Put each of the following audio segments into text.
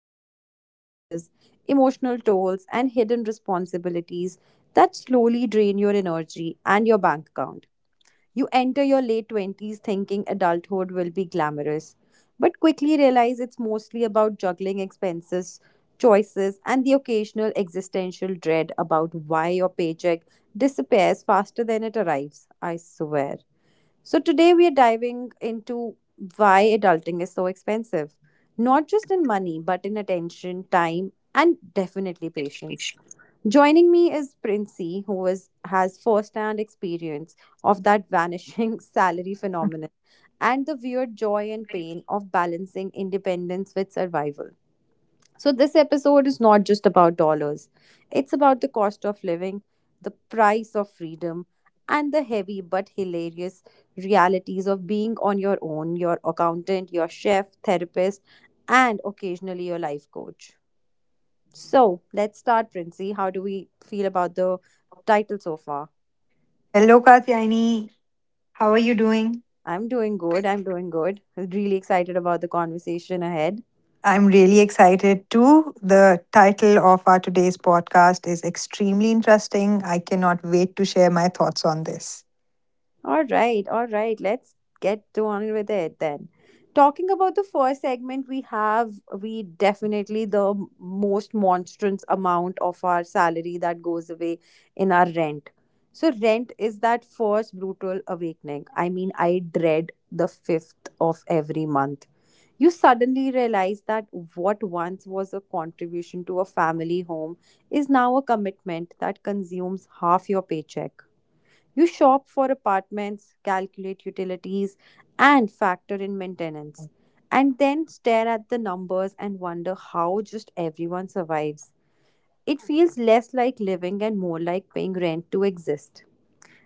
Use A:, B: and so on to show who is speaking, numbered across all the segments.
A: invisible taxes, emotional tolls, and hidden responsibilities that slowly drain your energy and your bank account. You enter your late 20s thinking adulthood will be glamorous, but quickly realize it's mostly about juggling expenses, choices, and the occasional existential dread about why your paycheck disappears faster than it arrives. I swear. So, today we are diving into why adulting is so expensive, not just in money, but in attention, time, and definitely patience. Joining me is Princey, has first-hand experience of that vanishing salary phenomenon and the weird joy and pain of balancing independence with survival. So this episode is not just about dollars. It's about the cost of living, the price of freedom, and the heavy but hilarious realities of being on your own, your accountant, your chef, therapist, and occasionally your life coach. So let's start, Princey. How do we feel about the title so far?
B: Hello, Katyayani. How are you doing?
A: I'm doing good. I'm doing good. Really excited about the conversation ahead.
B: I'm really excited too. The title of our today's podcast is extremely interesting. I cannot wait to share my thoughts on this.
A: All right, all right. Let's get to on with it then. Talking about the first segment, we definitely the most monstrous amount of our salary that goes away in our rent. So rent is that first brutal awakening. I mean, I dread the fifth of every month. You suddenly realize that what once was a contribution to a family home is now a commitment that consumes half your paycheck. You shop for apartments, calculate utilities, and factor in maintenance, and then stare at the numbers and wonder how just everyone survives. It feels less like living and more like paying rent to exist.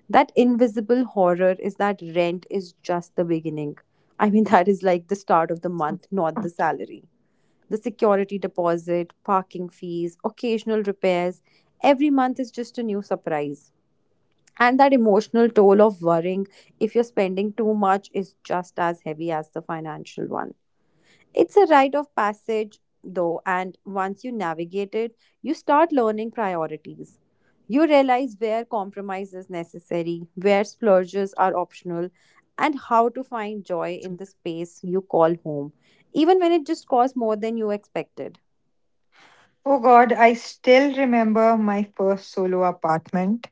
A: That invisible horror is that rent is just the beginning. I mean, that is like the start of the month, not the salary, the security deposit, parking fees, occasional repairs. Every month is just a new surprise. And that emotional toll of worrying if you're spending too much is just as heavy as the financial one. It's a rite of passage, though, and once you navigate it, you start learning priorities. You realize where compromise is necessary, where splurges are optional, and how to find joy in the space you call home, even when it just costs more than you expected.
B: Oh God, I still remember my first solo apartment.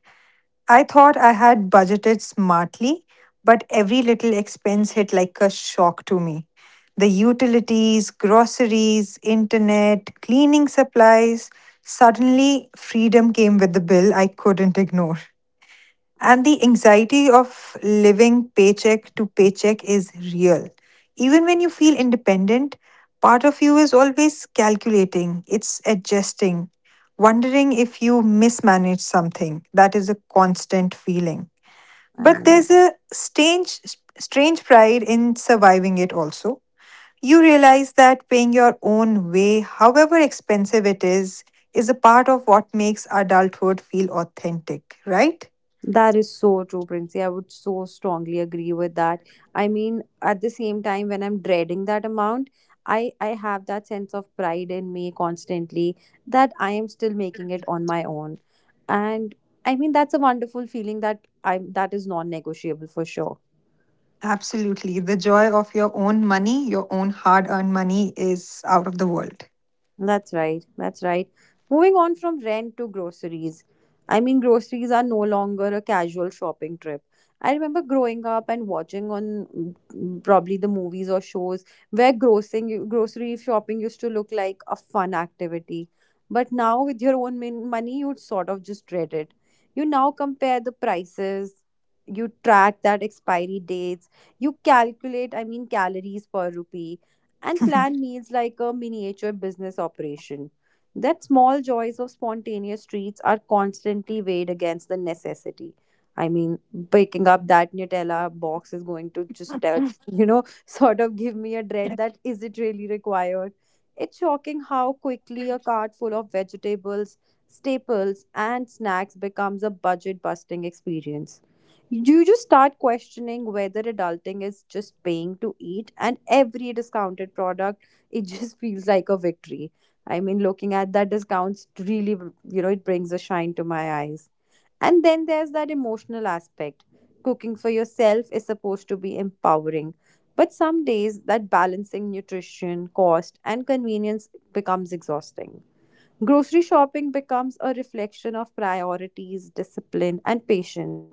B: I thought I had budgeted smartly, but every little expense hit like a shock to me. The utilities, groceries, internet, cleaning supplies. Suddenly, freedom came with the bill I couldn't ignore. And the anxiety of living paycheck to paycheck is real. Even when you feel independent, part of you is always calculating, it's adjusting, wondering if you mismanage something. That is a constant feeling.
A: I
B: But
A: know.
B: there's a strange, strange pride in surviving it also. You realize that paying your own way, however expensive it is a part of what makes adulthood feel authentic, right?
A: That is so true, Princey. I would so strongly agree with that. I mean, at the same time, when I'm dreading that amount, I have that sense of pride in me constantly that I am still making it on my own. And I mean, that's a wonderful feeling that is non-negotiable for sure.
B: Absolutely. The joy of your own money, your own hard earned money, is out of the world.
A: That's right. That's right. Moving on from rent to groceries. I mean, groceries are no longer a casual shopping trip. I remember growing up and watching on probably the movies or shows where grossing grocery shopping used to look like a fun activity. But now with your own money, you'd sort of just dread it. You now compare the prices, you track that expiry dates, you calculate, I mean, calories per rupee and plan meals like a miniature business operation. That small joys of spontaneous treats are constantly weighed against the necessity. I mean, picking up that Nutella box is going to just, sort of give me a dread that is it really required? It's shocking how quickly a cart full of vegetables, staples, and snacks becomes a budget busting experience. You just start questioning whether adulting is just paying to eat, and every discounted product, it just feels like a victory. I mean, looking at that discounts, really, it brings a shine to my eyes. And then there's that emotional aspect. Cooking for yourself is supposed to be empowering. But some days, that balancing nutrition, cost, and convenience becomes exhausting. Grocery shopping becomes a reflection of priorities, discipline, and patience.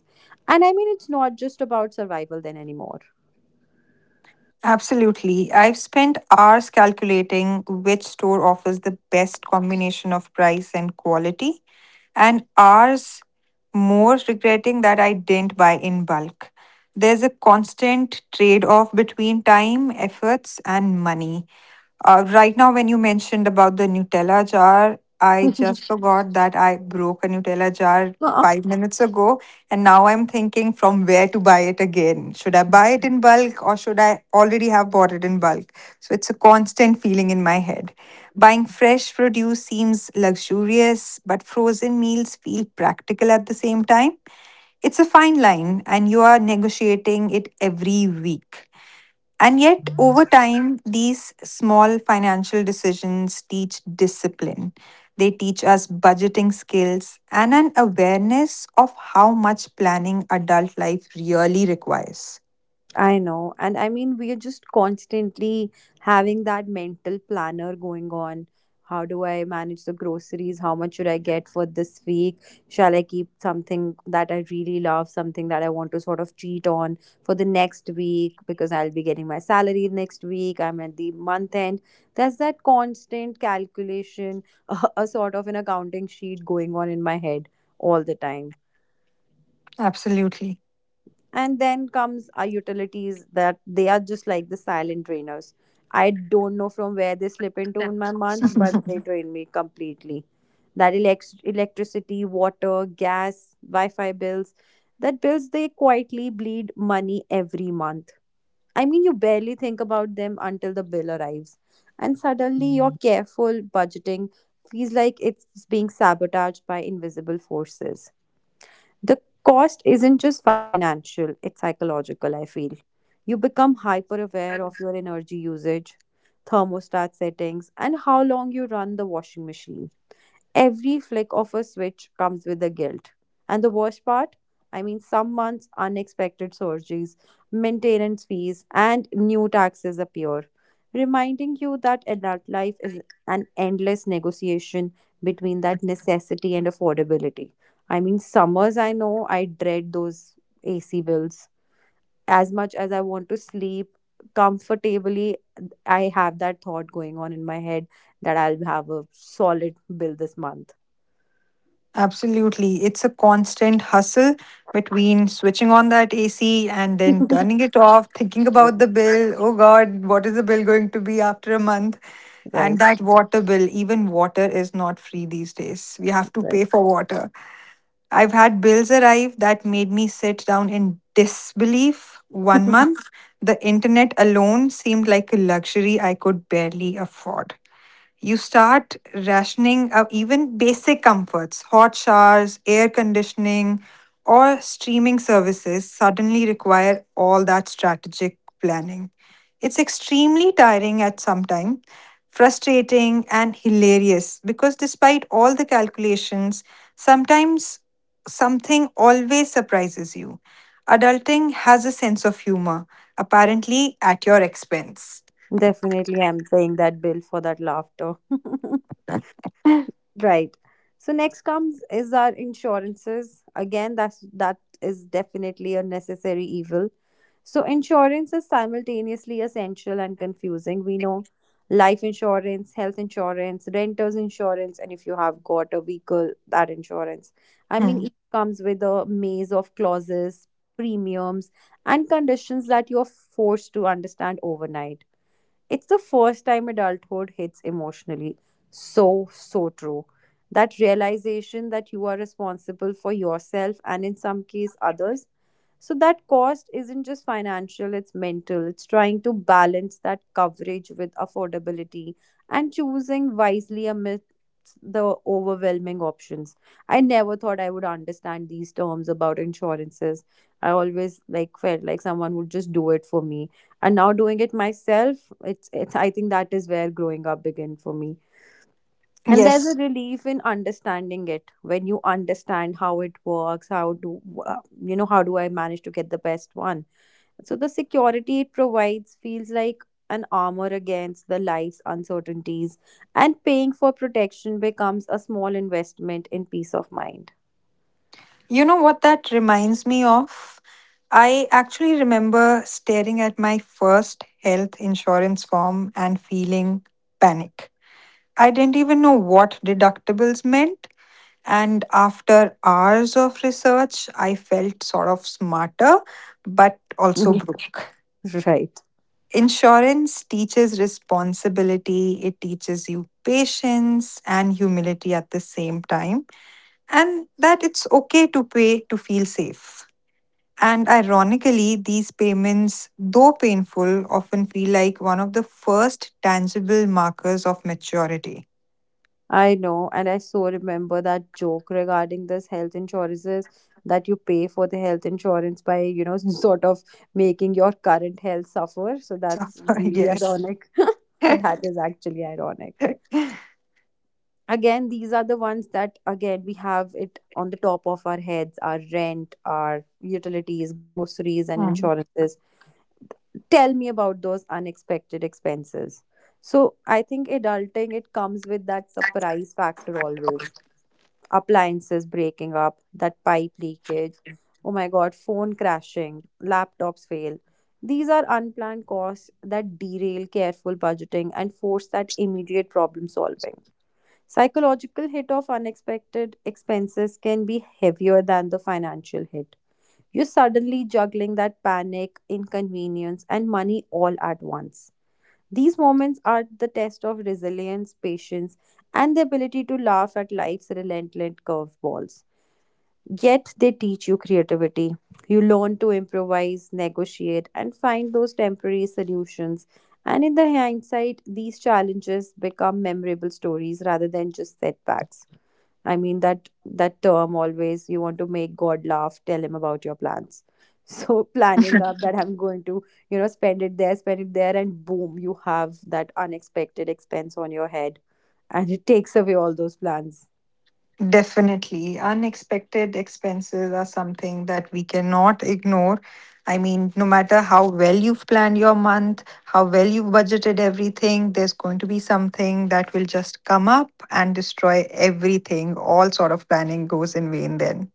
A: And I mean, it's not just about survival then anymore.
B: Absolutely. I've spent hours calculating which store offers the best combination of price and quality, and hours more regretting that I didn't buy in bulk. There's a constant trade off between time, efforts, and money. Right now, when you mentioned about the Nutella jar, I just forgot that I broke a Nutella jar five minutes ago. And now I'm thinking from where to buy it again. Should I buy it in bulk or should I already have bought it in bulk? So it's a constant feeling in my head. Buying fresh produce seems luxurious, but frozen meals feel practical at the same time. It's a fine line, and you are negotiating it every week. And yet, over time, these small financial decisions teach discipline. They teach us budgeting skills and an awareness of how much planning adult life really requires.
A: I know. And I mean, we are just constantly having that mental planner going on. How do I manage the groceries? How much should I get for this week? Shall I keep something that I really love, something that I want to sort of cheat on for the next week because I'll be getting my salary next week? I'm at the month end. There's that constant calculation, a sort of an accounting sheet going on in my head all the time.
B: Absolutely.
A: And then comes our utilities, that they are just like the silent drainers. I don't know from where they slip into in my month, but they drain me completely. That electricity, water, gas, wi-fi bills, that bills, they quietly bleed money every month. I mean, you barely think about them until the bill arrives, and suddenly your careful budgeting feels like it's being sabotaged by invisible forces. The cost isn't just financial, it's psychological, I feel. You become hyper aware of your energy usage, thermostat settings, and how long you run the washing machine. Every flick of a switch comes with a guilt. And the worst part? I mean, some months unexpected surgeries, maintenance fees, and new taxes appear, reminding you that adult life is an endless negotiation between that necessity and affordability. I mean, summers, I know I dread those AC bills. As much as I want to sleep comfortably, I have that thought going on in my head that I'll have a solid bill this month.
B: Absolutely. It's a constant hustle between switching on that AC and then turning it off, thinking
A: Right,
B: about the bill. Oh God, what is the bill going to be after a month? And
A: right,
B: that water bill, even water is not free these days. We have to pay for water. I've had bills arrive that made me sit down in disbelief one month. The internet alone seemed like a luxury I could barely afford. You start rationing out even basic comforts. Hot showers, air conditioning, or streaming services suddenly require all that strategic planning. It's extremely tiring at some time, frustrating and hilarious, because despite all the calculations, sometimes something always surprises you. Adulting has a sense of humor, apparently at your expense.
A: definitely, I'm paying that bill for that laughter. Right. So next comes is our insurances. Again, that's that is definitely a necessary evil. So insurance is simultaneously essential and confusing. We know life insurance, health insurance, renters insurance, and if you have got a vehicle, that insurance. I mean,
B: Hmm.
A: it comes with a maze of clauses, premiums, and conditions that you're forced to understand overnight. It's the first time adulthood hits emotionally. So, so true. That realization that you are responsible for yourself and in some case others, so that cost isn't just financial, it's mental. It's trying to balance that coverage with affordability and choosing wisely amidst the overwhelming options. I never thought I would understand these terms about insurances. I always like felt like someone would just do it for me. And now doing it myself, it's I think that is where growing up began for me. And there's a
B: Yes.
A: relief in understanding it when you understand how it works, how do how do I manage to get the best one. So the security it provides feels like an armor against the life's uncertainties, and paying for protection becomes a small investment in peace of mind.
B: You know what that reminds me of? I actually remember staring at my first health insurance form and feeling panic. I didn't even know what deductibles meant. And after hours of research, I felt sort of smarter, but also broke.
A: Right.
B: Insurance teaches responsibility, it teaches you patience and humility at the same time, and that it's okay to pay to feel safe. And ironically, these payments, though painful, often feel like one of the first tangible markers of maturity.
A: I know, and I so remember that joke regarding this health insurances, that you pay for the health insurance by, sort of making your current health suffer. So
B: So,
A: that's really
B: yes.
A: ironic. That is actually ironic. Again, these are the ones that, again, we have it on the top of our heads, our rent, our utilities, groceries, and
B: Mm.
A: insurances. Tell me about those unexpected expenses. So I think adulting, it comes with that surprise factor always. Appliances breaking up, that pipe leakage, oh my god, phone crashing, laptops fail. These are unplanned costs that derail careful budgeting and force that immediate problem solving. Psychological hit of unexpected expenses can be heavier than the financial hit. You're suddenly juggling that panic, inconvenience, and money all at once. These moments are the test of resilience, patience, and the ability to laugh at life's relentless curveballs. Yet they teach you creativity. You learn to improvise, negotiate, and find those temporary solutions. And in the hindsight, these challenges become memorable stories rather than just setbacks. I mean that term, always you want to make God laugh, tell him about your plans. So planning up that I'm going to, spend it there, and boom, you have that unexpected expense on your head. And it takes away all those plans.
B: Definitely. Unexpected expenses are something that we cannot ignore. I mean, no matter how well you've planned your month, how well you've budgeted everything, there's going to be something that will just come up and destroy everything. All sort of planning goes in vain then.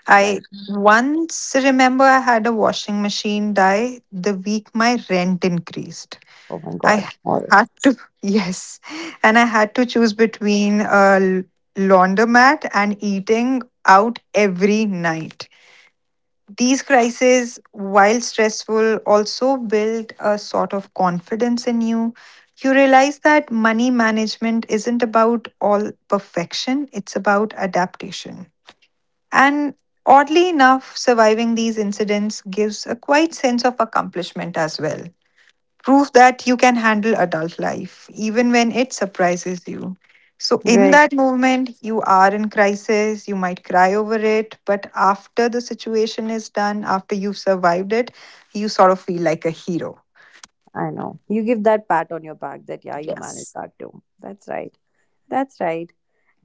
A: Right.
B: I once remember I had a washing machine die the week my rent increased.
A: Oh my
B: I
A: God. Or
B: had to, yes, and I had to choose between a laundromat and eating out every night. These crises, while stressful, also build a sort of confidence in you. You realize that money management isn't about all perfection, it's about adaptation. And oddly enough, surviving these incidents gives a quite sense of accomplishment as well. Proof that you can handle adult life, even when it surprises you. So, in
A: right.
B: that moment, you are in crisis, you might cry over it, but after the situation is done, after you've survived it, you sort of feel like a hero.
A: I know. You give that pat on your back that yeah, you managed that too. That's right. That's right.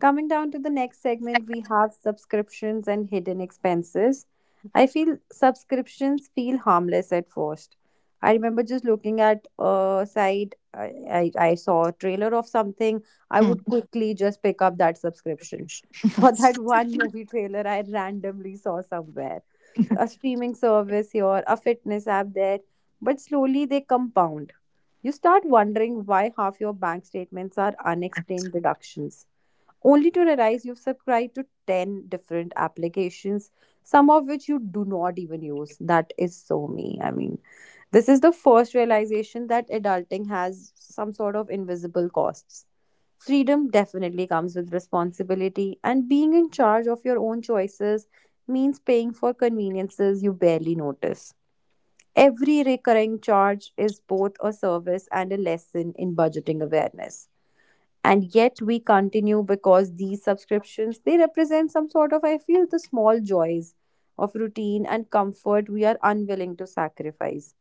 A: Coming down to the next segment, we have subscriptions and hidden expenses. I feel subscriptions feel harmless at first. I remember just looking at a site, I saw a trailer of something, I
B: Hmm.
A: would quickly just pick up that subscription. For that one movie trailer I randomly saw somewhere, a streaming service here, a fitness app there, but slowly they compound. You start wondering why half your bank statements are unexplained deductions only to realize you've subscribed to 10 different applications, some of which you do not even use. That is so me. I mean, this is the first realization that adulting has some sort of invisible costs. Freedom definitely comes with responsibility, and being in charge of your own choices means paying for conveniences you barely notice. Every recurring charge is both a service and a lesson in budgeting awareness, and yet we continue because these subscriptions, they represent some sort of, I feel, the small joys of routine and comfort we are unwilling to sacrifice.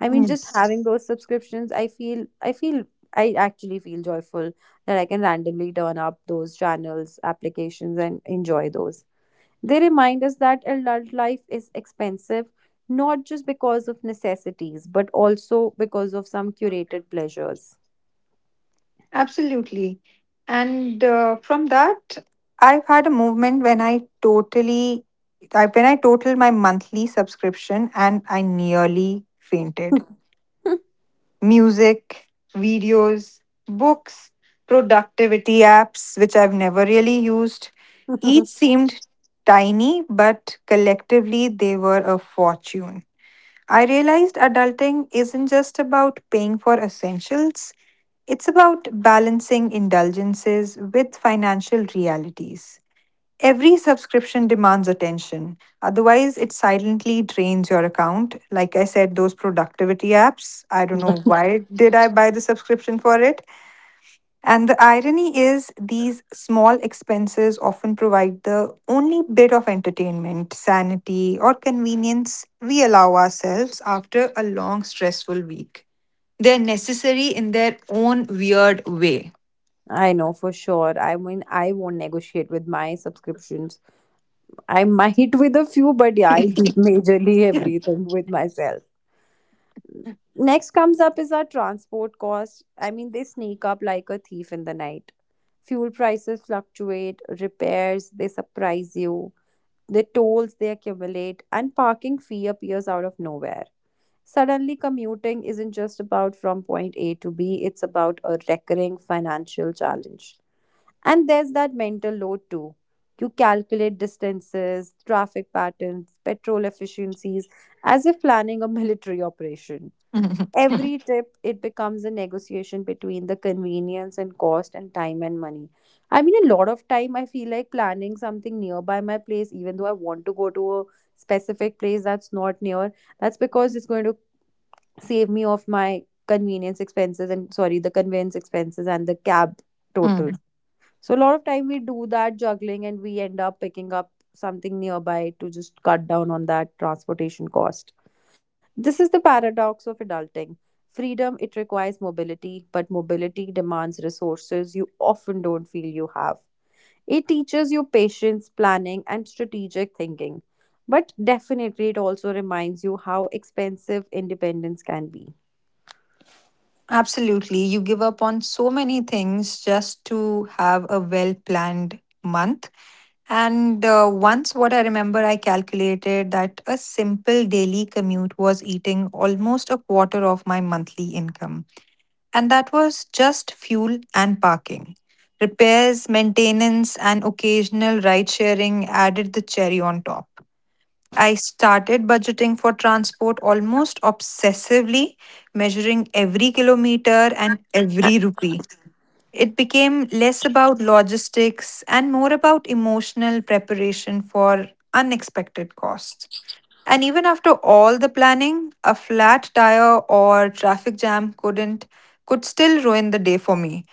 A: I mean,
B: Hmm.
A: just having those subscriptions, I actually feel joyful that I can randomly turn up those channels, applications, and enjoy those. They remind us that adult life is expensive, not just because of necessities but also because of some curated pleasures.
B: Absolutely. And from that, I've had a movement when when I totaled my monthly subscription and I nearly fainted. Music, videos, books, productivity apps, which I've never really used, each seemed tiny, but collectively they were a fortune. I realized adulting isn't just about paying for essentials, it's about balancing indulgences with financial realities. Every subscription demands attention, otherwise, it silently drains your account. Like I said, those productivity apps, I don't know why did I buy the subscription for it. And the irony is, these small expenses often provide the only bit of entertainment, sanity, or convenience we allow ourselves after a long, stressful week. They're necessary in their own weird way.
A: I know for sure. I mean, I won't negotiate with my subscriptions. I might with a few, but yeah, I'll keep majorly everything with myself. Next comes up is our transport costs. I mean, they sneak up like a thief in the night. Fuel prices fluctuate, repairs, they surprise you, the tolls they accumulate, and parking fee appears out of nowhere. Suddenly, commuting isn't just about from point A to B, it's about a recurring financial challenge. And there's that mental load too. You calculate distances, traffic patterns, petrol efficiencies, as if planning a military operation. Every trip, it becomes a negotiation between the convenience and cost and time and money. I mean, a lot of time I feel like planning something nearby my place, even though I want to go to a specific place that's not near, that's because it's going to save me of my convenience expenses and, sorry, the conveyance expenses and the cab total.
B: Mm.
A: So a lot of time we do that juggling and we end up picking up something nearby to just cut down on that transportation cost. This is the paradox of adulting. Freedom, it requires mobility, but mobility demands resources you often don't feel you have. It teaches you patience, planning, and strategic thinking. But definitely it also reminds you how expensive independence can be.
B: Absolutely. You give up on so many things just to have a well planned month. And once, what I remember, I calculated that a simple daily commute was eating almost a quarter of my monthly income. And that was just fuel and parking. Repairs, maintenance, and occasional ride sharing added the cherry on top. I started budgeting for transport almost obsessively, measuring every kilometer and every rupee. It became less about logistics and more about emotional preparation for unexpected costs. And even after all the planning, a flat tire or traffic jam couldn't could still ruin the day for me.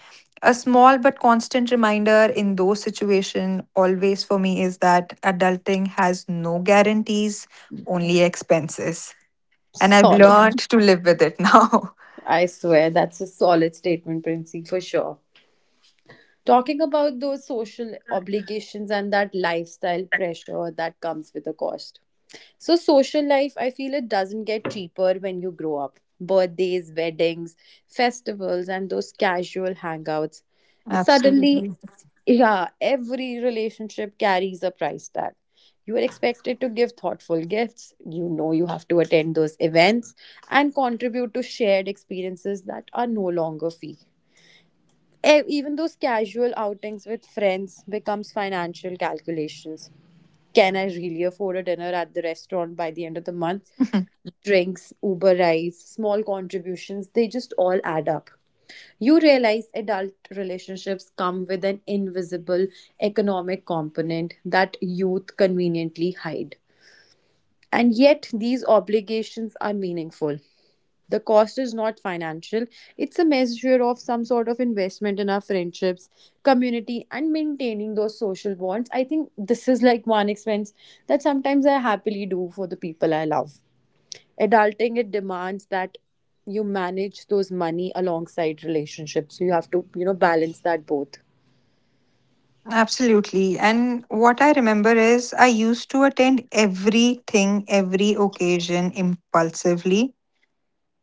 B: A small but constant reminder in those situations always for me is that adulting has no guarantees, only expenses. And I've
A: Solid.
B: learned to live with it now.
A: I swear, that's a solid statement, Princy, for sure. Talking about those social obligations and that lifestyle pressure that comes with a cost. So, social life, I feel it doesn't get cheaper when you grow up. Birthdays, weddings, festivals, and those casual hangouts. It suddenly,
B: Absolutely.
A: yeah, every relationship carries a price tag. You are expected to give thoughtful gifts. You know, you have to attend those events and contribute to shared experiences that are no longer free. Even those casual outings with friends becomes financial calculations. Can I really afford a dinner at the restaurant by the end of the month? Drinks, Uber rides, small contributions, they just all add up. You realize adult relationships come with an invisible economic component that youth conveniently hide. And yet, these obligations are meaningful. The cost is not financial, it's a measure of some sort of investment in our friendships, community, and maintaining those social bonds. I think this is like one expense that sometimes I happily do for the people I love. Adulting, it demands that you manage those money alongside relationships. So you have to, you know, balance that both.
B: Absolutely. And what I remember is I used to attend everything, every occasion impulsively.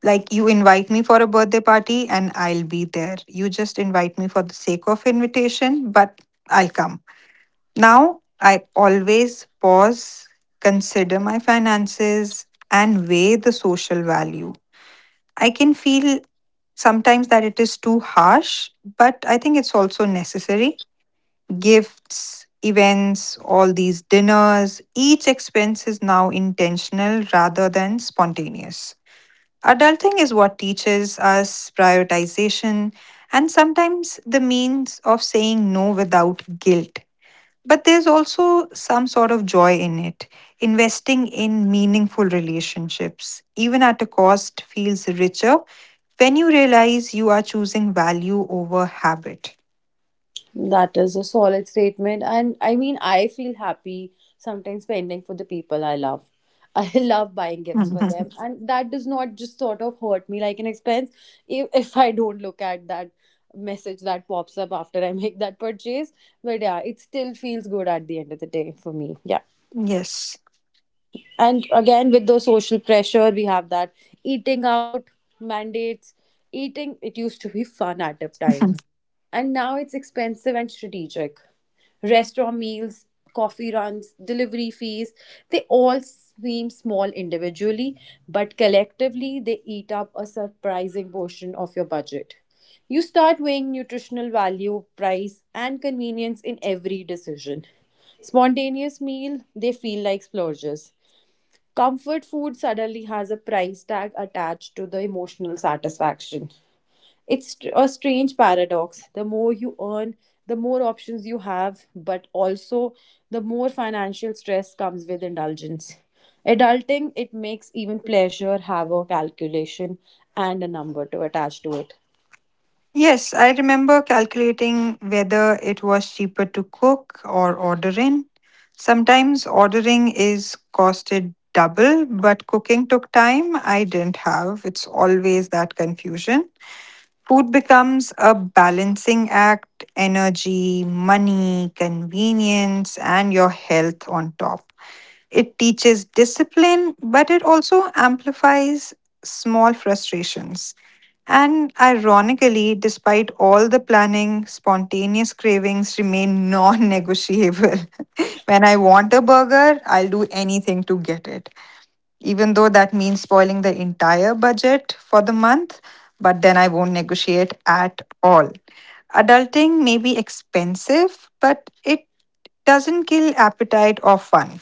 B: Like you invite me for a birthday party and I'll be there. You just invite me for the sake of invitation, but I'll come. Now I always pause, consider my finances, and weigh the social value. I can feel sometimes that it is too harsh, but I think it's also necessary. Gifts, events, all these dinners, each expense is now intentional rather than spontaneous. Adulting is what teaches us prioritization and sometimes the means of saying no without guilt. But there's also some sort of joy in it. Investing in meaningful relationships, even at a cost, feels richer when you realize you are choosing value over habit.
A: That is a solid statement. And I mean, I feel happy sometimes spending for the people I love. I love buying gifts for them. And that does not just sort of hurt me like an expense if I don't look at that message that pops up after I make that purchase. But yeah, it still feels good at the end of the day for me. Yeah.
B: Yes.
A: And again, with the social pressure we have that eating out mandates, eating, it used to be fun at a time, and now it's expensive and strategic. Restaurant meals, coffee runs, delivery fees, they all seem small individually, but collectively they eat up a surprising portion of your budget. You start weighing nutritional value, price, and convenience in every decision. Spontaneous meal, they feel like splurges. Comfort food suddenly has a price tag attached to the emotional satisfaction. A strange paradox. The more you earn, the more options you have, but also the more financial stress comes with indulgence. Adulting, it makes even pleasure have a calculation and a number to attach to it.
B: Yes, I remember calculating whether it was cheaper to cook or order in. Sometimes ordering is costed double, but cooking took time I didn't have. It's always that confusion. Food becomes a balancing act, energy, money, convenience, and your health on top. It teaches discipline, but it also amplifies small frustrations. And ironically, despite all the planning, spontaneous cravings remain non negotiable. When I want a burger, I'll do anything to get it, even though that means spoiling the entire budget for the month, but then I won't negotiate at all. Adulting may be expensive, but it doesn't kill appetite or fun.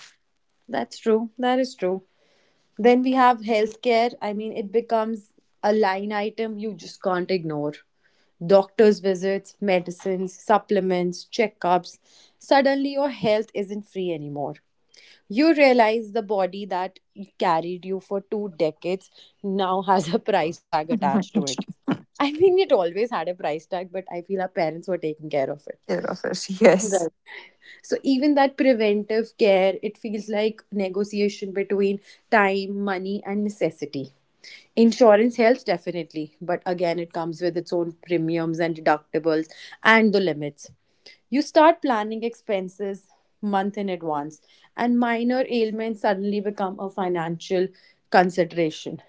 A: That's true. That is true. Then we have healthcare. I mean, it becomes a line item you just can't ignore. Doctor's visits, medicines, supplements, checkups. Suddenly, your health isn't free anymore. You realize the body that carried you for two decades now has a price tag attached to it. I mean, it always had a price tag, but I feel our parents were taking care of it.
B: Care of us. Yes.
A: Right. So even that preventive care, it feels like negotiation between time, money, and necessity. Insurance helps, definitely, but again it comes with its own premiums and deductibles and the limits. You start planning expenses month in advance, and minor ailments suddenly become a financial consideration.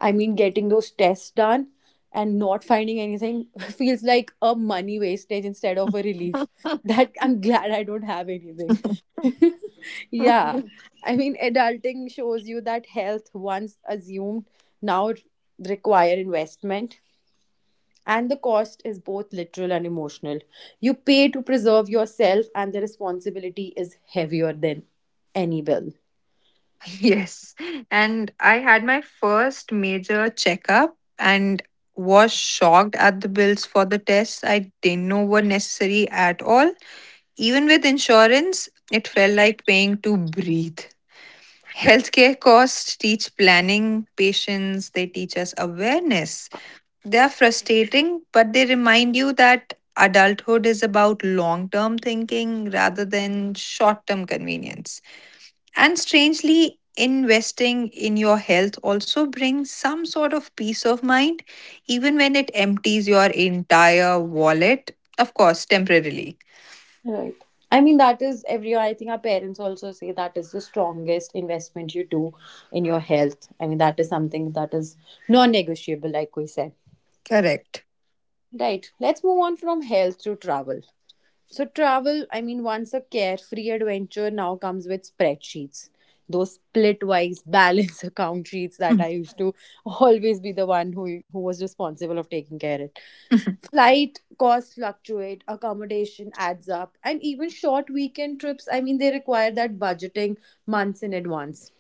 A: I mean, getting those tests done and not finding anything feels like a money wastage instead of a relief. That I'm glad I don't have anything. Yeah. I mean, adulting shows you that health, once assumed, now require investment. And the cost is both literal and emotional. You pay to preserve yourself, and the responsibility is heavier than any bill.
B: Yes. And I had my first major checkup and was shocked at the bills for the tests I didn't know were necessary at all. Even with insurance, it felt like paying to breathe. Healthcare costs teach planning, patience, they teach us awareness. They are frustrating, but they remind you that adulthood is about long term thinking rather than short term convenience. And strangely, investing in your health also brings some sort of peace of mind, even when it empties your entire wallet, of course, temporarily.
A: Right. I mean, that is every, I think our parents also say that is the strongest investment you do in your health. I mean, that is something that is non negotiable, like we said.
B: Correct.
A: Right. Let's move on from health to travel. So travel, I mean, once a carefree adventure, now comes with spreadsheets. Those split-wise balance account sheets that
B: Mm.
A: I used to always be the one who was responsible of taking care of it. Flight costs fluctuate, accommodation adds up, and even short weekend trips, I mean, they require that budgeting months in advance.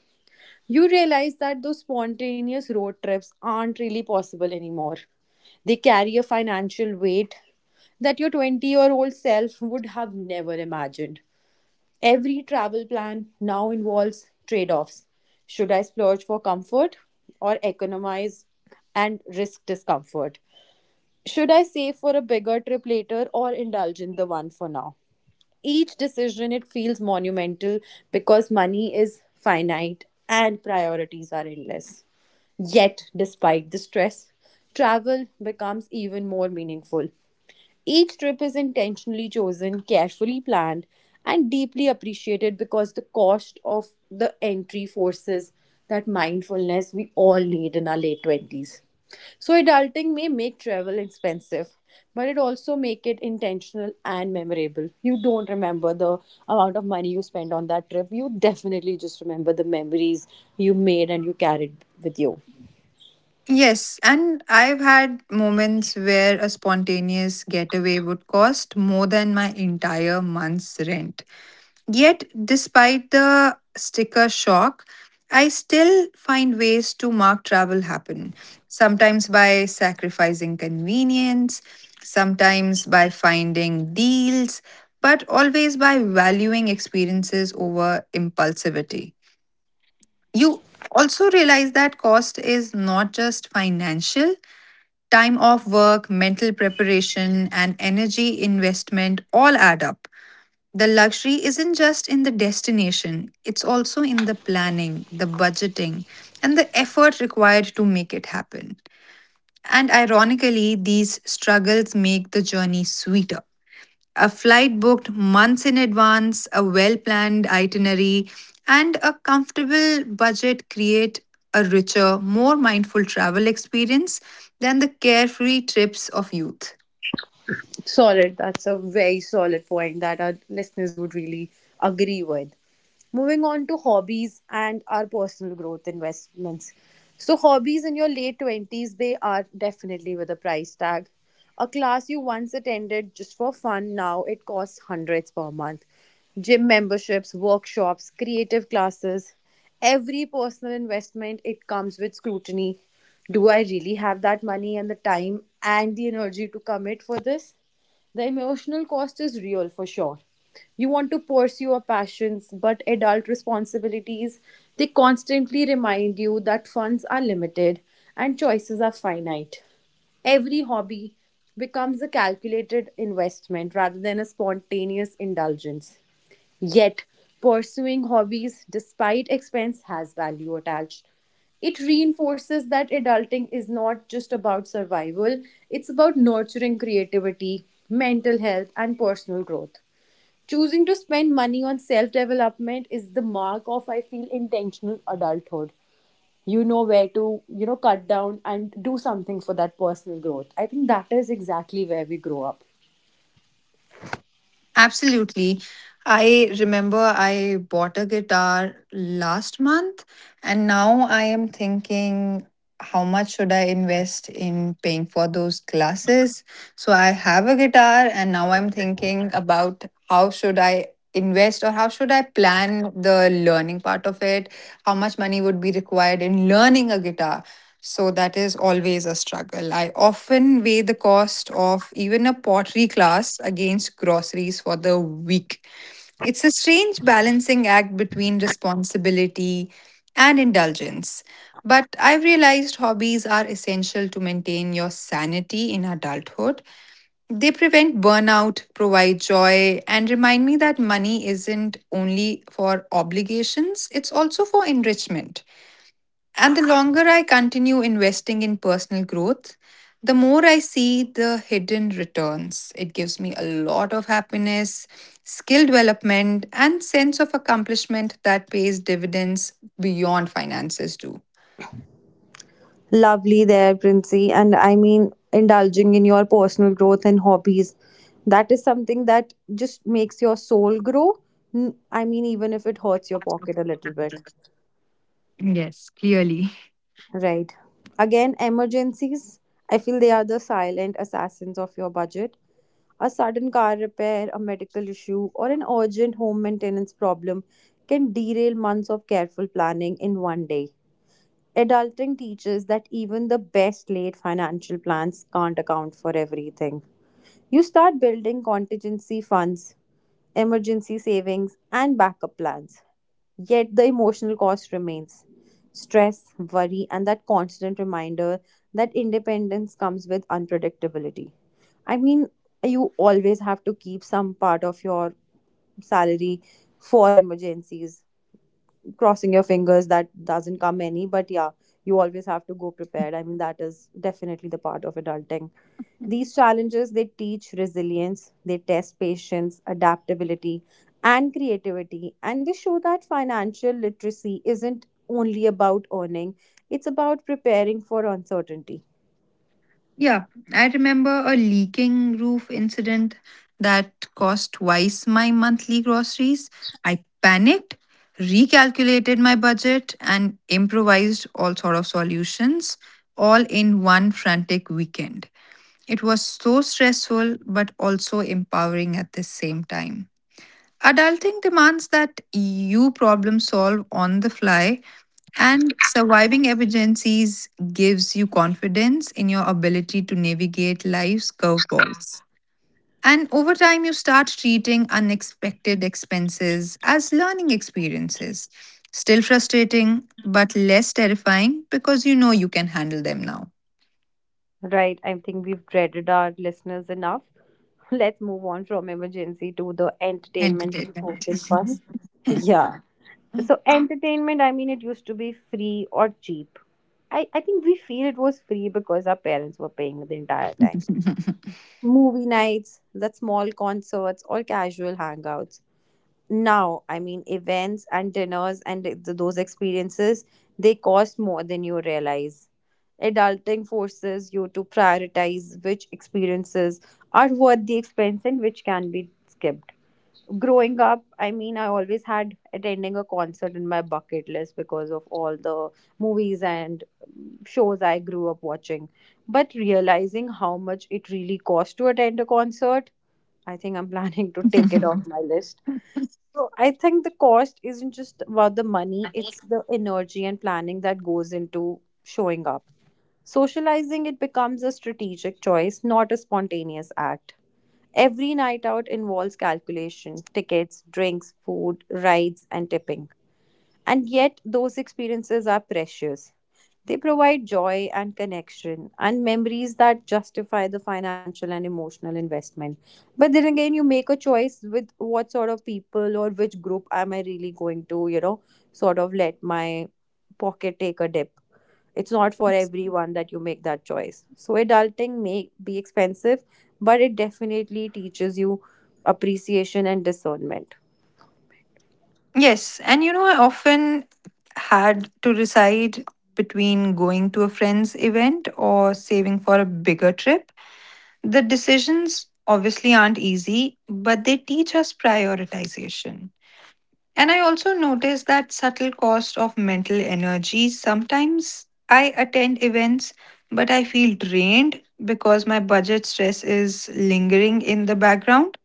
A: You realize that those spontaneous road trips aren't really possible anymore. They carry a financial weight that your 20-year-old self would have never imagined. Every travel plan now involves trade offs. Should I splurge for comfort or economize and risk discomfort? Should I save for a bigger trip later or indulge in the one for now? Each decision, it feels monumental because money is finite and priorities are endless. Yet, despite the stress, travel becomes even more meaningful. Each trip is intentionally chosen, carefully planned, and deeply appreciated because the cost of the entry forces that mindfulness we all need in our late 20s. So adulting may make travel expensive, but it also make it intentional and memorable. You don't remember the amount of money you spent on that trip. You definitely just remember the memories you made and you carried with you.
B: Yes, and I've had moments where a spontaneous getaway would cost more than my entire month's rent. Yet, despite the sticker shock, I still find ways to mark travel happen. Sometimes by sacrificing convenience, sometimes by finding deals, but always by valuing experiences over impulsivity. You also realize that cost is not just financial, time off work, mental preparation, and energy investment all add up. The luxury isn't just in the destination, it's also in the planning, the budgeting, and the effort required to make it happen. And ironically, these struggles make the journey sweeter. A flight booked months in advance, a well planned itinerary, and a comfortable budget create a richer, more mindful travel experience than the carefree trips of youth.
A: Solid. That's a very solid point that our listeners would really agree with. Moving on to hobbies and our personal growth investments. So, hobbies in your late 20s, they are definitely with a price tag. A class you once attended just for fun, now it costs hundreds per month. Gym memberships, workshops, creative classes, every personal investment, it comes with scrutiny. Do I really have that money and the time and the energy to commit for this? The emotional cost is real for sure. You want to pursue your passions, but adult responsibilities, they constantly remind you that funds are limited and choices are finite. Every hobby becomes a calculated investment rather than a spontaneous indulgence. Yet, pursuing hobbies despite expense has value attached. It reinforces that adulting is not just about survival, it's about nurturing creativity, mental health, and personal growth. Choosing to spend money on self development is the mark of, I feel, intentional adulthood. You know where to, you know, cut down and do something for that personal growth. I think that is exactly where we grow up.
B: Absolutely. I remember I bought a guitar last month, and now I am thinking, how much should I invest in paying for those classes? So I have a guitar, and now I'm thinking about how should I invest or how should I plan the learning part of it? How much money would be required in learning a guitar? So that is always a struggle. I often weigh the cost of even a pottery class against groceries for the week. It's a strange balancing act between responsibility and indulgence. But I've realized hobbies are essential to maintain your sanity in adulthood. They prevent burnout, provide joy, and remind me that money isn't only for obligations, it's also for enrichment. And the longer I continue investing in personal growth, the more I see the hidden returns. It gives me a lot of happiness, skill development, and sense of accomplishment that pays dividends beyond finances do.
A: Lovely there, Princey. And I mean, indulging in your personal growth and hobbies. That is something that just makes your soul grow. I mean, even if it hurts your pocket a little bit.
B: Yes, clearly.
A: Right. Again, emergencies. I feel they are the silent assassins of your budget. A sudden car repair, a medical issue, or an urgent home maintenance problem can derail months of careful planning in 1 day. Adulting teaches that even the best laid financial plans can't account for everything. You start building contingency funds, emergency savings, and backup plans. Yet the emotional cost remains stress, worry, and that constant reminder that independence comes with unpredictability. I mean, you always have to keep some part of your salary for emergencies, crossing your fingers that doesn't come any, but yeah, you always have to go prepared. I mean, that is definitely the part of adulting. These challenges, they teach resilience, they test patience, adaptability, and creativity, and they show that financial literacy isn't only about earning, it's about preparing for uncertainty.
B: Yeah, I remember a leaking roof incident that cost twice my monthly groceries. I panicked, recalculated my budget, and improvised all sort of solutions all in one frantic weekend. It was so stressful but also empowering at the same time. Adulting demands that you problem solve on the fly, and surviving emergencies gives you confidence in your ability to navigate life's curveballs. And over time, you start treating unexpected expenses as learning experiences. Still frustrating, but less terrifying because you know you can handle them now.
A: Right, I think we've dreaded our listeners enough. Let's move on from emergency to the entertainment and
B: Entertainment.
A: social fun. Yeah. So entertainment, I mean, it used to be free or cheap. I think we feel it was free because our parents were paying the entire time. Movie nights, the small concerts, or casual hangouts. Now, I mean, events and dinners and those experiences, they cost more than you realize. Adulting forces you to prioritize which experiences are worth the expense and which can be skipped. Growing up, I mean, I always had attending a concert in my bucket list because of all the movies and shows I grew up watching. But realizing how much it really costs to attend a concert, I think I'm planning to take it off my list. So I think the cost isn't just about the money, it's the energy and planning that goes into showing up. Socializing, it becomes a strategic choice, not a spontaneous act. Every night out involves calculation, tickets, drinks, food, rides, and tipping. And yet, those experiences are precious. They provide joy and connection and memories that justify the financial and emotional investment. But then again, you make a choice with what sort of people or which group am I really going to, you know, sort of let my pocket take a dip. It's not for everyone that you make that choice. So adulting may be expensive, but it definitely teaches you appreciation and discernment.
B: Yes, and I often had to decide between going to a friend's event or saving for a bigger trip. The decisions obviously aren't easy, but they teach us prioritization. And I also noticed that subtle cost of mental energy. Sometimes I attend events, but I feel drained because my budget stress is lingering in the background.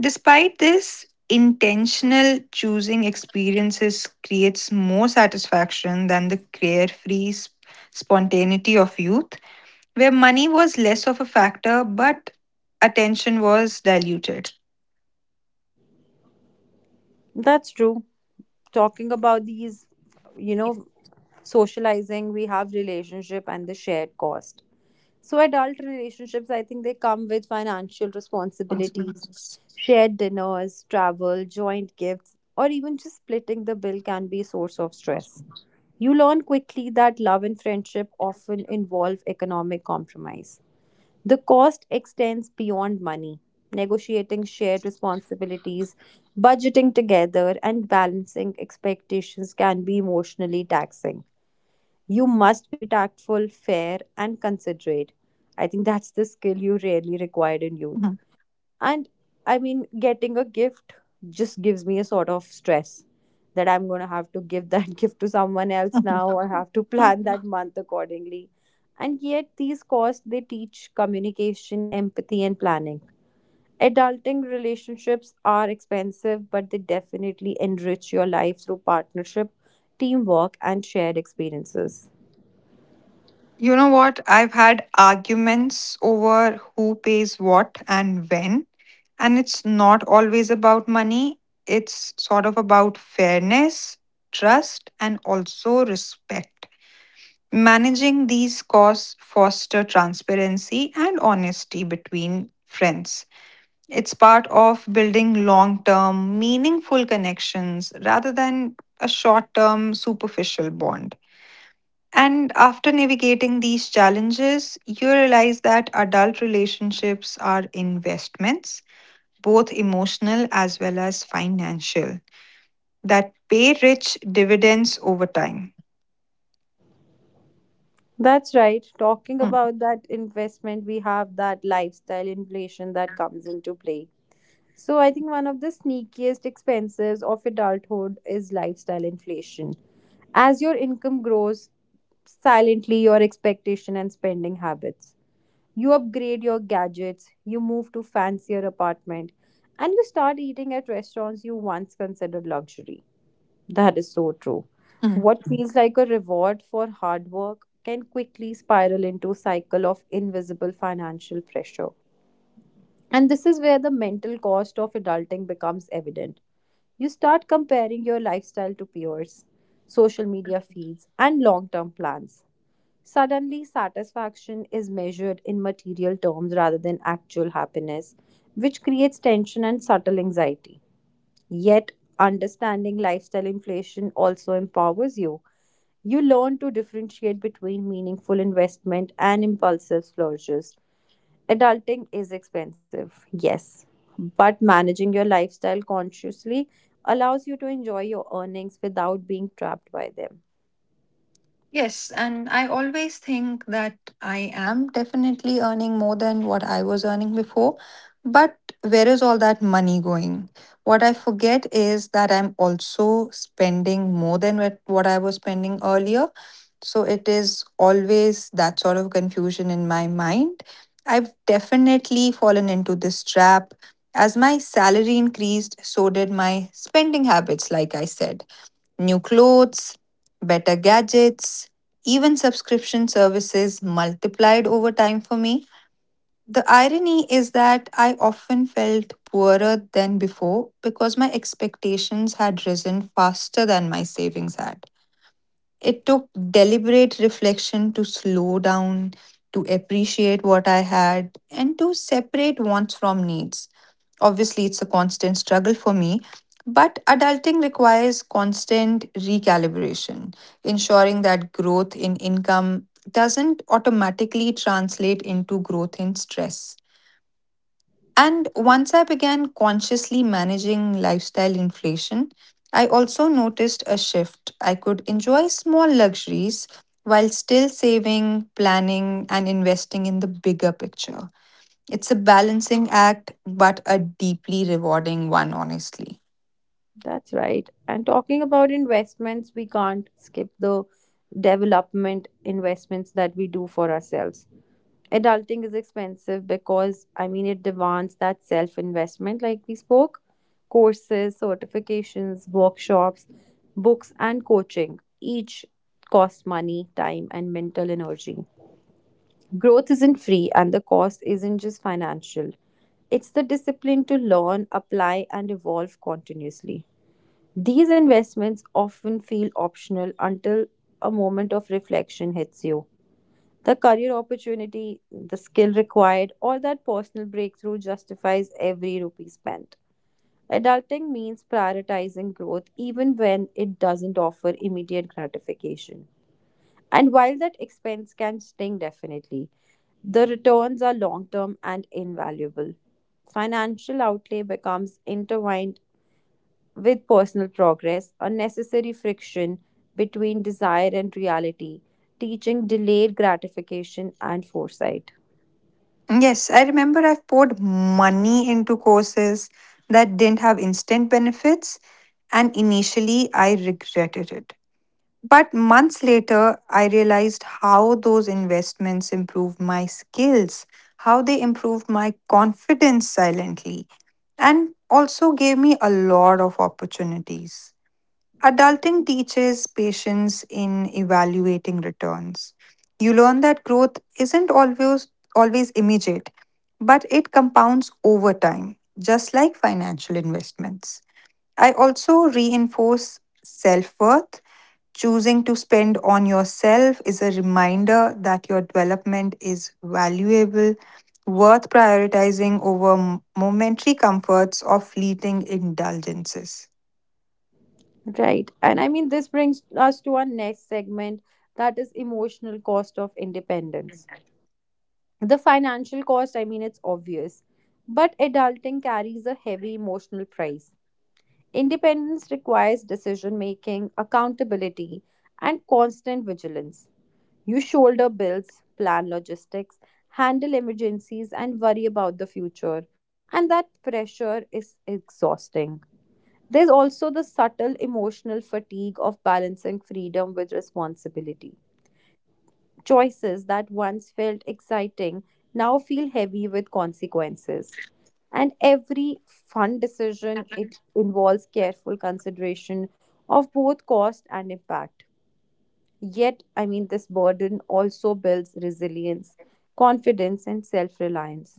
B: Despite this, intentional choosing experiences creates more satisfaction than the carefree spontaneity of youth, where money was less of a factor but attention was diluted.
A: That's true. Talking about these, you know, socializing, we have relationship and the shared cost. So adult relationships, I think they come with financial responsibilities, shared dinners, travel, joint gifts, or even just splitting the bill can be a source of stress. You learn quickly that love and friendship often involve economic compromise. The cost extends beyond money. Negotiating shared responsibilities, budgeting together, and balancing expectations can be emotionally taxing. You must be tactful, fair, and considerate. I think that's the skill you rarely required in youth. And I mean, getting a gift just gives me a sort of stress that I'm going to have to give that gift to someone else now or have to plan that month accordingly. And yet, these costs, they teach communication, empathy, and planning. Adulting relationships are expensive, but they definitely enrich your life through partnership, teamwork, and shared experiences.
B: You know what? I've had arguments over who pays what and when, and it's not always about money, it's sort of about fairness, trust, and also respect. Managing these costs foster transparency and honesty between friends. It's part of building long term, meaningful connections rather than a short term, superficial bond. And after navigating these challenges, you realize that adult relationships are investments, both emotional as well as financial, that pay rich dividends over time.
A: That's right. Talking about that investment, we have that lifestyle inflation that comes into play. So I think one of the sneakiest expenses of adulthood is lifestyle inflation. As your income grows, silently your expectation and spending habits. You upgrade your gadgets, you move to fancier apartment, and you start eating at restaurants you once considered luxury. That is so true.
B: Mm.
A: What feels like a reward for hard work can quickly spiral into a cycle of invisible financial pressure. And this is where the mental cost of adulting becomes evident. You start comparing your lifestyle to peers, social media feeds, and long term plans. Suddenly, satisfaction is measured in material terms rather than actual happiness, which creates tension and subtle anxiety. Yet, understanding lifestyle inflation also empowers you. You learn to differentiate between meaningful investment and impulsive splurges. Adulting is expensive, yes, but managing your lifestyle consciously allows you to enjoy your earnings without being trapped by them.
B: Yes, and I always think that I am definitely earning more than what I was earning before. But where is all that money going? What I forget is that I'm also spending more than what I was spending earlier. So it is always that sort of confusion in my mind. I've definitely fallen into this trap. As my salary increased, so did my spending habits, like I said. New clothes, better gadgets, even subscription services multiplied over time for me. The irony is that I often felt poorer than before because my expectations had risen faster than my savings had. It took deliberate reflection to slow down, to appreciate what I had, and to separate wants from needs. Obviously, it's a constant struggle for me, but adulting requires constant recalibration, ensuring that growth in income doesn't automatically translate into growth in stress. And once I began consciously managing lifestyle inflation, I also noticed a shift. I could enjoy small luxuries while still saving, planning, and investing in the bigger picture. It's a balancing act, but a deeply rewarding one, honestly.
A: That's right. And talking about investments, we can't skip the development investments that we do for ourselves. Adulting is expensive because, I mean, it demands that self investment, like we spoke, courses, certifications, workshops, books, and coaching. Each cost money, time, and mental energy. Growth isn't free, and the cost isn't just financial. It's the discipline to learn, apply, and evolve continuously. These investments often feel optional until a moment of reflection hits you. The career opportunity, the skill required, or that personal breakthrough justifies every rupee spent. Adulting means prioritizing growth even when it doesn't offer immediate gratification. And while that expense can sting definitely, the returns are long term and invaluable. Financial outlay becomes intertwined with personal progress, unnecessary friction between desire and reality, teaching delayed gratification and foresight.
B: Yes, I remember I've poured money into courses that didn't have instant benefits, and initially I regretted it. But months later, I realized how those investments improved my skills, how they improved my confidence silently, and also gave me a lot of opportunities. Adulting teaches patience in evaluating returns. You learn that growth isn't always immediate, but it compounds over time, just like financial investments. I also reinforce self-worth. Choosing to spend on yourself is a reminder that your development is valuable, worth prioritizing over momentary comforts or fleeting indulgences.
A: Right. And I mean, this brings us to our next segment, that is emotional cost of independence. The financial cost, I mean, it's obvious, but adulting carries a heavy emotional price. Independence requires decision making, accountability, and constant vigilance. You shoulder bills, plan logistics, handle emergencies, and worry about the future. And that pressure is exhausting. There's also the subtle emotional fatigue of balancing freedom with responsibility. Choices that once felt exciting now feel heavy with consequences, and every fund decision, it involves careful consideration of both cost and impact. Yet, I mean, this burden also builds resilience, confidence, and self-reliance.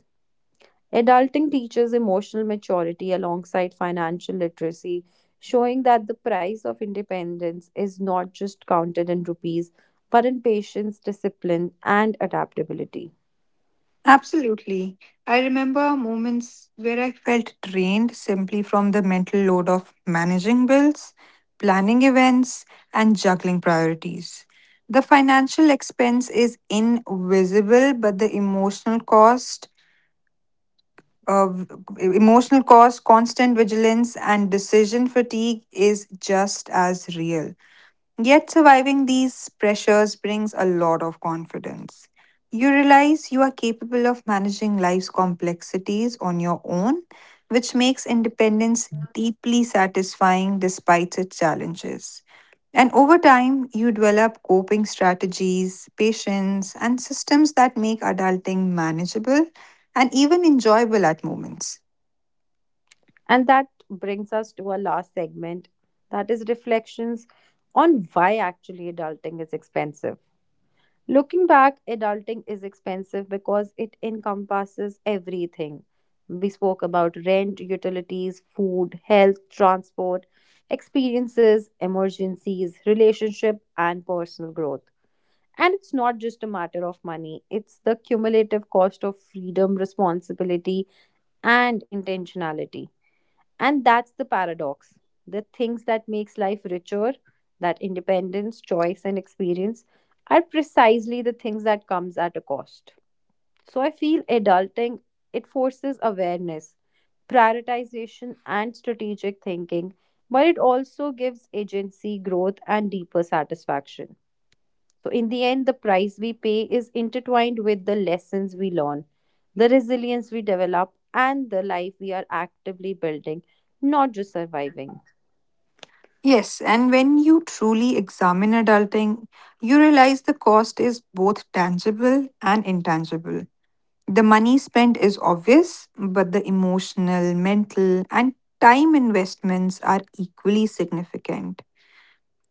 A: Adulting teaches emotional maturity alongside financial literacy, showing that the price of independence is not just counted in rupees, but in patience, discipline, and adaptability.
B: Absolutely. I remember moments where I felt drained simply from the mental load of managing bills, planning events, and juggling priorities. The financial expense is invisible, but the of emotional cost, constant vigilance, and decision fatigue is just as real. Yet, surviving these pressures brings a lot of confidence. You realize you are capable of managing life's complexities on your own, which makes independence deeply satisfying despite its challenges. And over time, you develop coping strategies, patience, and systems that make adulting manageable and even enjoyable at moments.
A: And that brings us to our last segment, that is reflections on why actually adulting is expensive. Looking back, adulting is expensive because it encompasses everything. We spoke about rent, utilities, food, health, transport, experiences, emergencies, relationship, and personal growth. And it's not just a matter of money, it's the cumulative cost of freedom, responsibility, and intentionality. And that's the paradox. The things that makes life richer, that independence, choice, and experience, are precisely the things that comes at a cost. So I feel adulting, it forces awareness, prioritization, and strategic thinking, but it also gives agency, growth, and deeper satisfaction. So, in the end, the price we pay is intertwined with the lessons we learn, the resilience we develop, and the life we are actively building, not just surviving.
B: Yes, and when you truly examine adulting, you realize the cost is both tangible and intangible. The money spent is obvious, but the emotional, mental, and time investments are equally significant.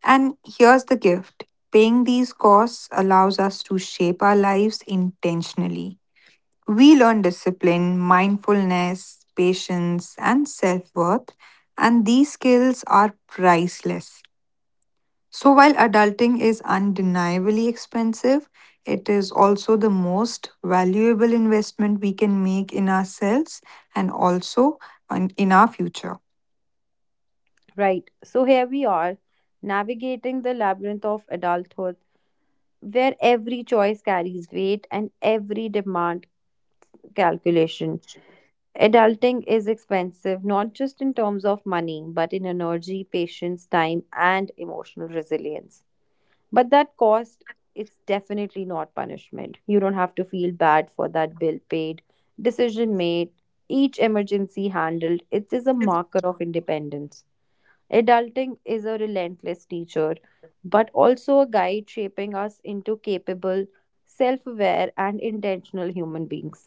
B: And here's the gift: paying these costs allows us to shape our lives intentionally. We learn discipline, mindfulness, patience, and self worth, and these skills are priceless. So, while adulting is undeniably expensive, it is also the most valuable investment we can make in ourselves and also in our future.
A: Right. So, here we are, navigating the labyrinth of adulthood, where every choice carries weight and every demand calculation. Adulting is expensive, not just in terms of money, but in energy, patience, time, and emotional resilience. But that cost, it's definitely not punishment. You don't have to feel bad for that bill paid, decision made, each emergency handled. It is a marker of independence. Adulting is a relentless teacher, but also a guide shaping us into capable, self aware, and intentional human beings.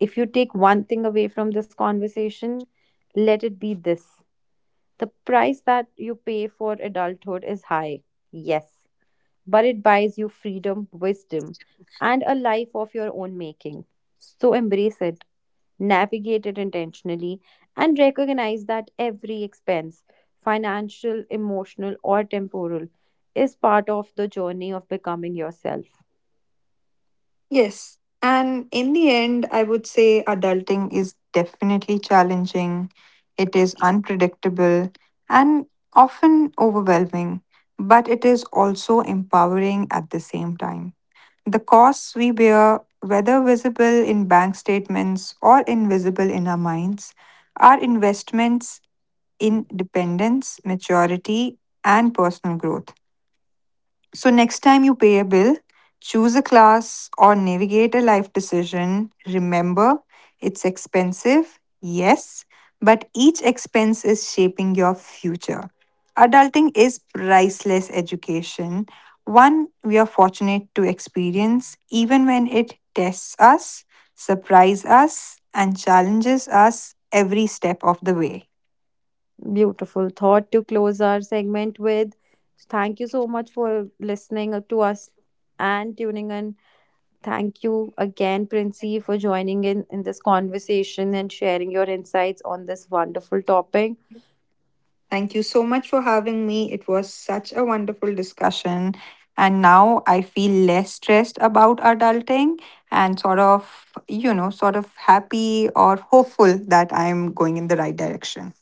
A: If you take one thing away from this conversation, let it be this: the price that you pay for adulthood is high. Yes, but it buys you freedom, wisdom, and a life of your own making. So embrace it, navigate it intentionally, and recognize that every expense, financial, emotional, or temporal, is part of the journey of becoming yourself.
B: Yes. And in the end, I would say adulting is definitely challenging. It is unpredictable and often overwhelming, but it is also empowering at the same time. The costs we bear, whether visible in bank statements or invisible in our minds, are investments in dependence, maturity, and personal growth. So, next time you pay a bill, choose a class or navigate a life decision, remember, it's expensive, yes, but each expense is shaping your future. Adulting is priceless education, one we are fortunate to experience, even when it tests us, surprises us, and challenges us every step of the way.
A: Beautiful thought to close our segment with. Thank you so much for listening to us and tuning in. Thank you again, Princy, for joining in this conversation and sharing your insights on this wonderful topic.
B: Thank you so much for having me. It was such a wonderful discussion. And now I feel less stressed about adulting and sort of, sort of happy or hopeful that I'm going in the right direction.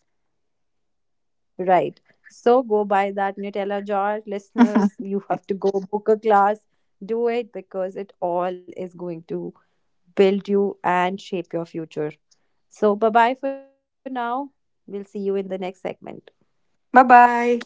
A: Right. So go buy that Nutella jar, listeners. You have to go book a class. Do it because it all is going to build you and shape your future. So bye bye for now. We'll see you in the next segment.
B: Bye bye.